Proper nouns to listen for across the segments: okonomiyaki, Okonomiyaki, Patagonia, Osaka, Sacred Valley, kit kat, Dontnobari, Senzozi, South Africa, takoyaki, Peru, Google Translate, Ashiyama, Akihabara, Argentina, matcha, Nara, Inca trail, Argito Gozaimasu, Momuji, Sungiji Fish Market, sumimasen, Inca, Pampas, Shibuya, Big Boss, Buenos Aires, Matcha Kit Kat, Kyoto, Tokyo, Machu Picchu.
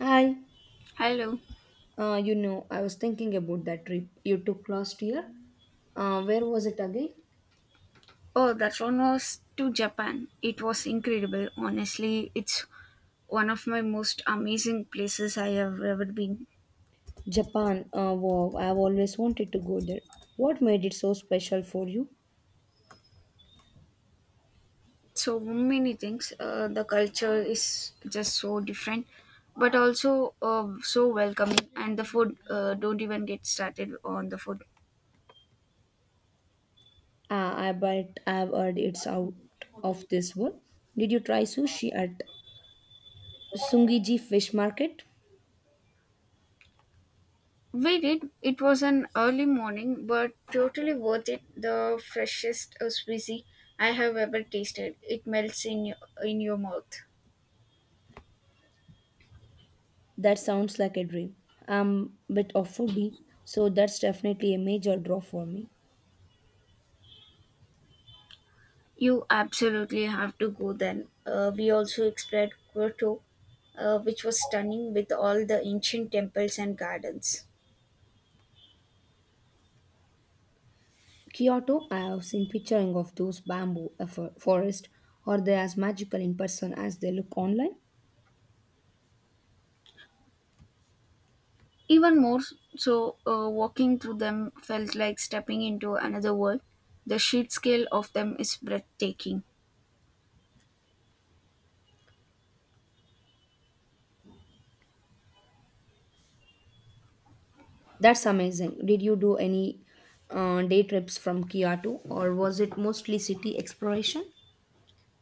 Hi, Hello. I was thinking about that trip you took last year. Where was it again? Oh, that one was to Japan. It was incredible. Honestly, it's one of my most amazing places I have ever been. Japan. Wow, I've always wanted to go there. What made it so special for you? So many things. The culture is just so different, but also so welcoming. And the food, don't even get started on the food. I bet I've heard it's out of this world. Did you try sushi at Sungiji Fish Market? We did. It was an early morning, but totally worth it. The freshest sushi I have ever tasted. It melts in your mouth. That sounds like a dream. I'm a bit of foodie, so that's definitely a major draw for me. You absolutely have to go then. We also explored Kyoto, which was stunning with all the ancient temples and gardens. Kyoto, I have seen picturing of those forest. Are they as magical in person as they look online? Even more so, walking through them felt like stepping into another world. The sheer scale of them is breathtaking. That's amazing. Did you do any day trips from Kyoto, or was it mostly city exploration?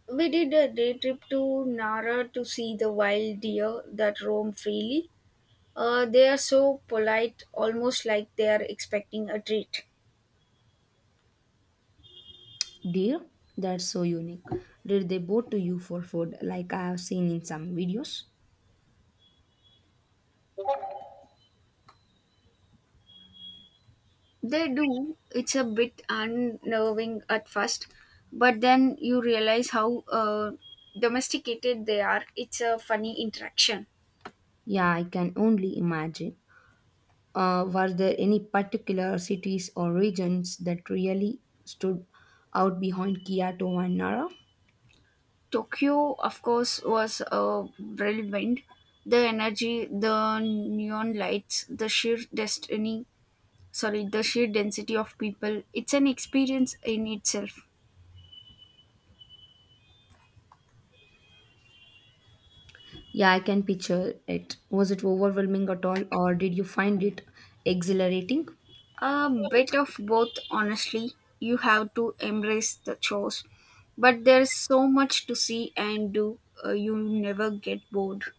We did a day trip to Nara to see the wild deer that roam freely. They are so polite, almost like they are expecting a treat. Dear, that's so unique. Did they boat to you for food, like I have seen in some videos? They do. It's a bit unnerving at first, but then you realize how domesticated they are. It's a funny interaction. Yeah, I can only imagine. Were there any particular cities or regions that really stood out behind Kyoto and Nara? Tokyo, of course, was relevant. The energy, the neon lights, the sheer density of people. It's an experience in itself. Yeah, I can picture it. Was it overwhelming at all, or did you find it exhilarating? A bit of both, honestly. You have to embrace the chores, but there's so much to see and do, you never get bored.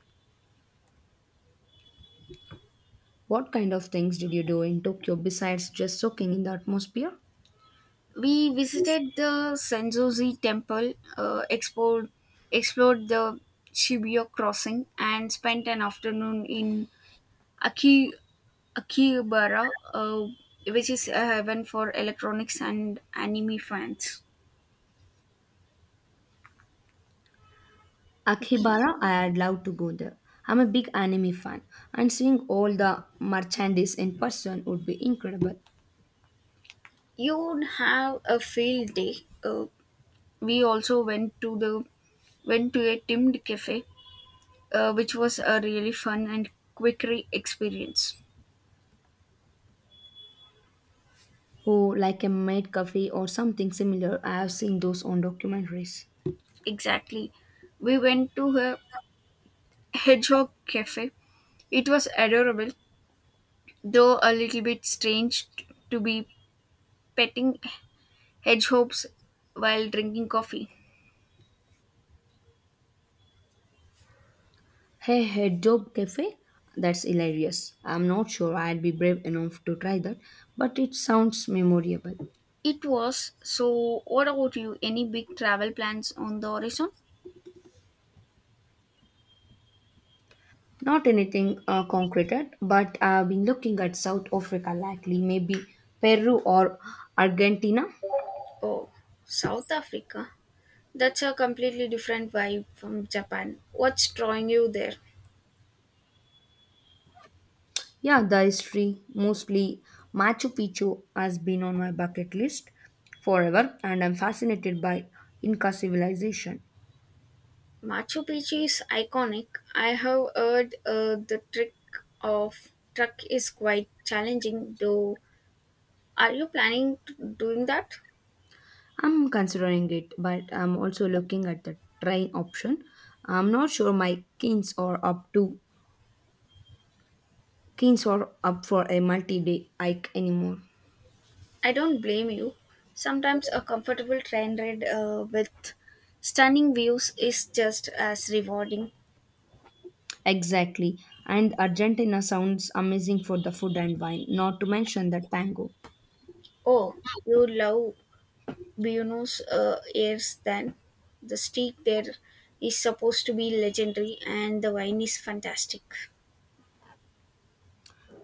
What kind of things did you do in Tokyo besides just soaking in the atmosphere? We visited the Senzozi temple, explored the Shibuya crossing, and spent an afternoon in Aki, Akihabara, which is a heaven for electronics and anime fans. Okay. Akihabara, I'd love to go there. I'm a big anime fan, and seeing all the merchandise in person would be incredible. You'd have a field day. Uh, we also went to the went to a themed cafe which was a really fun and experience. Oh, like a maid cafe or something similar. I have seen those on documentaries. Exactly, we went to a hedgehog cafe. It was adorable, though a little bit strange to be petting hedgehogs while drinking coffee. Hey, hey, Job Cafe? That's hilarious. I'm not sure I'd be brave enough to try that, but it sounds memorable. It was. So what about you, any big travel plans on the horizon? Not anything concreted, but I've been looking at South Africa likely, maybe Peru or Argentina. Oh, South Africa, that's a completely different vibe from Japan. What's drawing you there? Yeah, the history, mostly Machu Picchu, has been on my bucket list forever, and I'm fascinated by Inca civilization. Machu Picchu is iconic. I have heard the trick of truck is quite challenging though. Are you planning to doing that? I'm considering it, but I'm also looking at the train option. I'm not sure my kins are up to kins are up for a multi-day hike anymore. I don't blame you. Sometimes a comfortable train ride with stunning views is just as rewarding. Exactly. And Argentina sounds amazing for the food and wine, not to mention the tango. Oh, you love Buenos Aires then. The street there is supposed to be legendary and the wine is fantastic.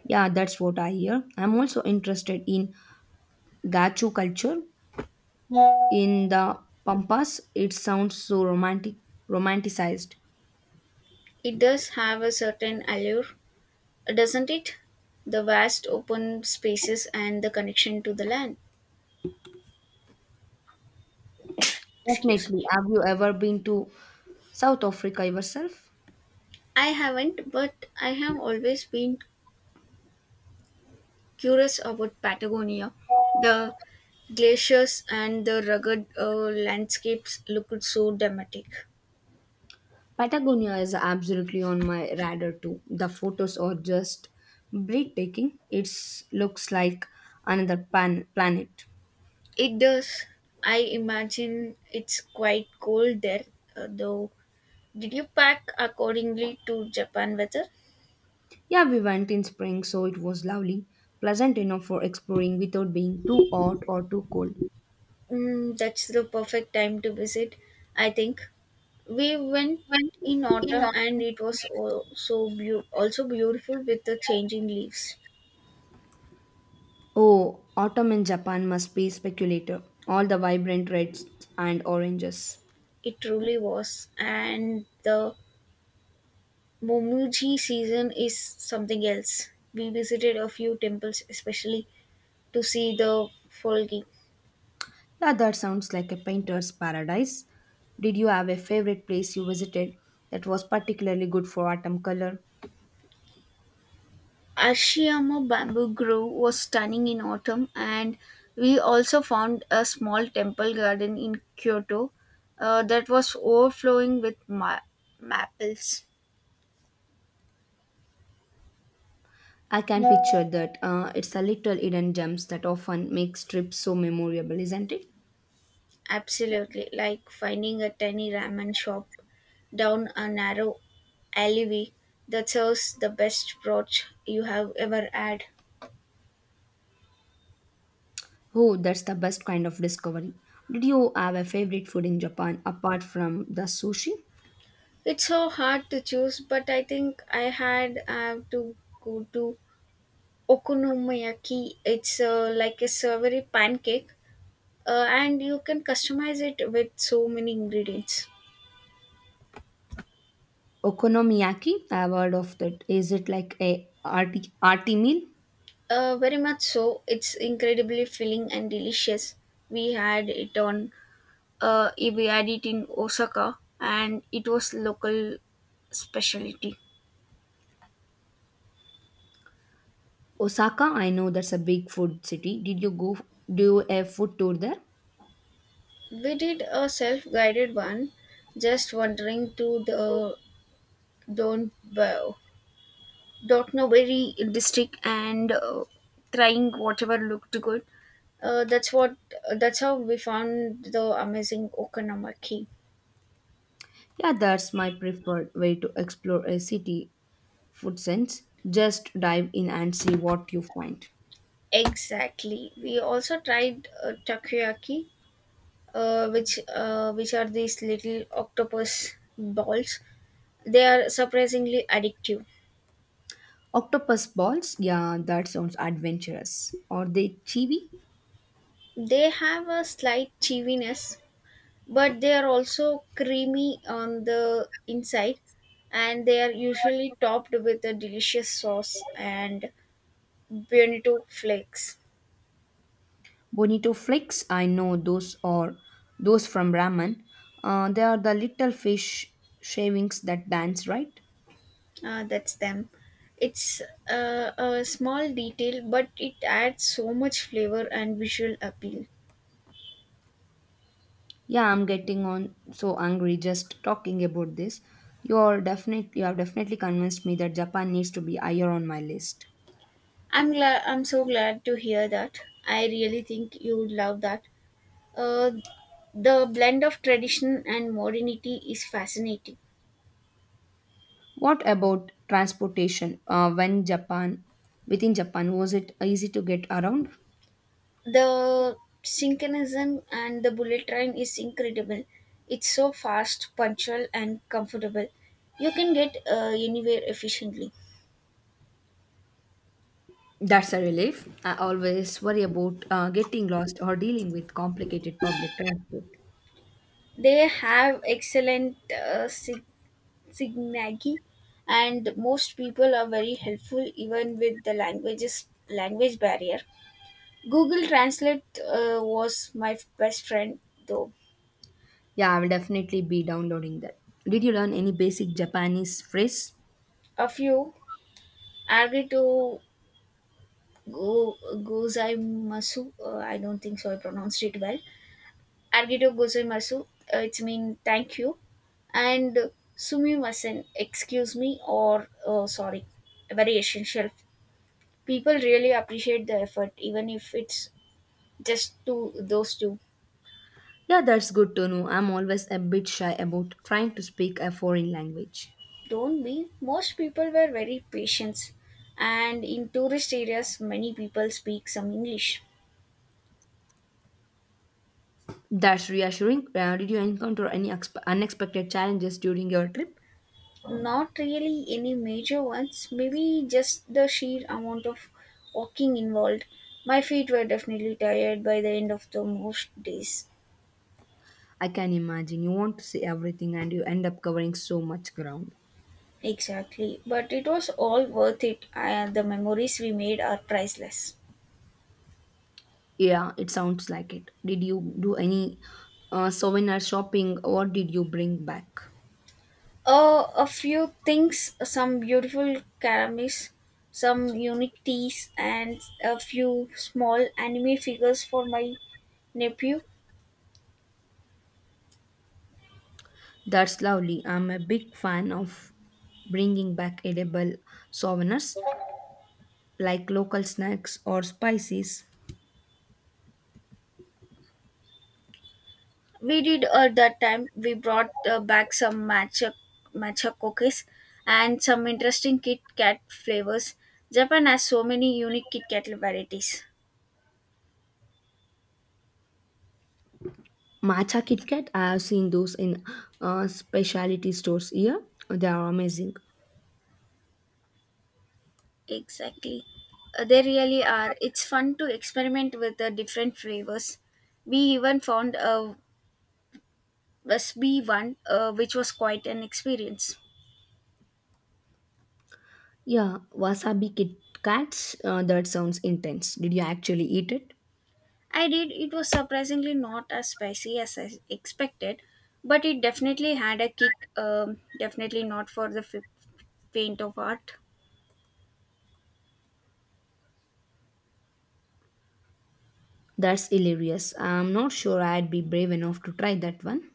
Yeah, that's what I hear. I'm also interested in gacho culture in the Pampas. It sounds so romantic, romanticized. It does have a certain allure, doesn't it? The vast open spaces and the connection to the land. Excuse Definitely. me. Have you ever been to South Africa yourself? I haven't, but I have always been curious about Patagonia. The glaciers and the rugged landscapes looked so dramatic. Patagonia is absolutely on my radar too. The photos are just breathtaking. It looks like planet. It does. I imagine it's quite cold there, though. Did you pack accordingly to Japan weather? Yeah, we went in spring, so it was lovely, pleasant enough for exploring without being too hot or too cold. Mm, that's the perfect time to visit, I think. We went in autumn and it was also beautiful with the changing leaves. Oh, autumn in Japan must be speculator. All the vibrant reds and oranges. It truly was. And the Momuji season is something else. We visited a few temples, especially to see the folgi. Yeah, that sounds like a painter's paradise. Did you have a favorite place you visited that was particularly good for autumn color? Ashiyama bamboo grove was stunning in autumn, and we also found a small temple garden in Kyoto that was overflowing with maples. I can picture that. It's the little hidden gems that often makes trips so memorable, isn't it? Absolutely, like finding a tiny ramen shop down a narrow alleyway that serves the best broth you have ever had. Oh, that's the best kind of discovery. Did you have a favorite food in Japan apart from the sushi? It's so hard to choose, but I think I had to go to okonomiyaki. It's like a savory pancake, and you can customize it with so many ingredients. Okonomiyaki, I've heard of that. Is it like a arty meal? Very much so. It's incredibly filling and delicious. We had it on we had it in Osaka, and it was local specialty. Osaka, I know that's a big food city. Did you go do a food tour there? We did a self-guided one, just wandering through the Don Dontnobari district and trying whatever looked good. That's what. That's how we found the amazing okonomaki. Yeah, that's my preferred way to explore a city food sense. Just dive in and see what you find. Exactly. We also tried takoyaki, which are these little octopus balls. They are surprisingly addictive. Octopus balls, yeah, that sounds adventurous. Are they chewy? They have a slight cheesiness, but they are also creamy on the inside, and they are usually topped with a delicious sauce and bonito flakes. Bonito flakes, I know those are those from ramen. They are the little fish shavings that dance, right? That's them. It's a small detail, but it adds so much flavor and visual appeal. Yeah, I'm getting on so angry just talking about this. You have definitely convinced me that Japan needs to be higher on my list. I'm glad. I'm so glad to hear that. I really think you'd love that. Uh, the blend of tradition and modernity is fascinating. What about transportation? When Japan within Japan was it easy to get around? The synchronism and the bullet train is incredible. It's so fast, punctual, and comfortable. You can get anywhere efficiently. That's a relief. I always worry about getting lost or dealing with complicated public transport. They have excellent signagi, and most people are very helpful even with the language barrier. Google Translate was my best friend though. Yeah, I will definitely be downloading that. Did you learn any basic Japanese phrase? A few. Argito Go Gozaimasu. I don't think so. I pronounced it well. Argito Gozaimasu. It's mean thank you. And sumimasen, excuse me or sorry. Very essential. People really appreciate the effort, even if it's just to those two. Yeah, that's good to know. I'm always a bit shy about trying to speak a foreign language. Don't be. Most people were very patient, and in tourist areas, many people speak some English. That's reassuring. Did you encounter any unexpected challenges during your trip? Not really any major ones, maybe just the sheer amount of walking involved. My feet were definitely tired by the end of the most days. I can imagine. You want to see everything and you end up covering so much ground. Exactly, but it was all worth it, and the memories we made are priceless. Yeah, it sounds like it. Did you do any souvenir shopping? What did you bring back? A few things, some beautiful ceramics, some unique teas, and a few small anime figures for my nephew. That's lovely. I'm a big fan of bringing back edible souvenirs like local snacks or spices. We did at that time. We brought back some matcha cookies and some interesting Kit Kat flavors. Japan has so many unique Kit Kat varieties. Matcha Kit Kat, I have seen those in specialty stores here. They are amazing. Exactly. They really are. It's fun to experiment with the different flavors. We even found a sb one, which was quite an experience. Yeah, wasabi Kit Kats, that sounds intense. Did you actually eat it? I did. It was surprisingly not as spicy as I expected, but it definitely had a kick. Definitely not for the faint of heart. That's hilarious. I'm not sure I'd be brave enough to try that one.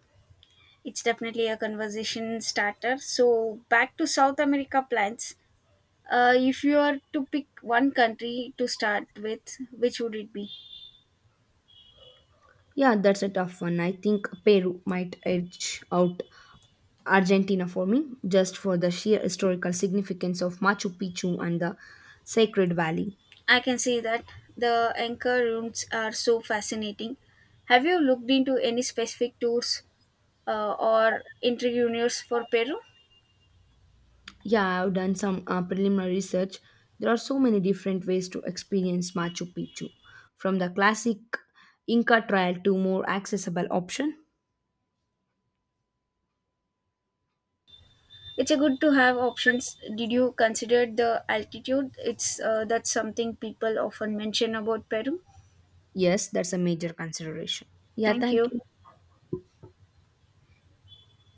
It's definitely a conversation starter. So back to South America plans. If you are to pick one country to start with, which would it be? Yeah, that's a tough one. I think Peru might edge out Argentina for me, just for the sheer historical significance of Machu Picchu and the Sacred Valley. I can say that the anchor rooms are so fascinating. Have you looked into any specific tours or interunions for Peru? Yeah, I've done some preliminary research. There are so many different ways to experience Machu Picchu, from the classic Inca trail to more accessible option. It's a good to have options. Did you consider the altitude? It's That's something people often mention about Peru. Yes, that's a major consideration. Yeah, Thank thank you. you.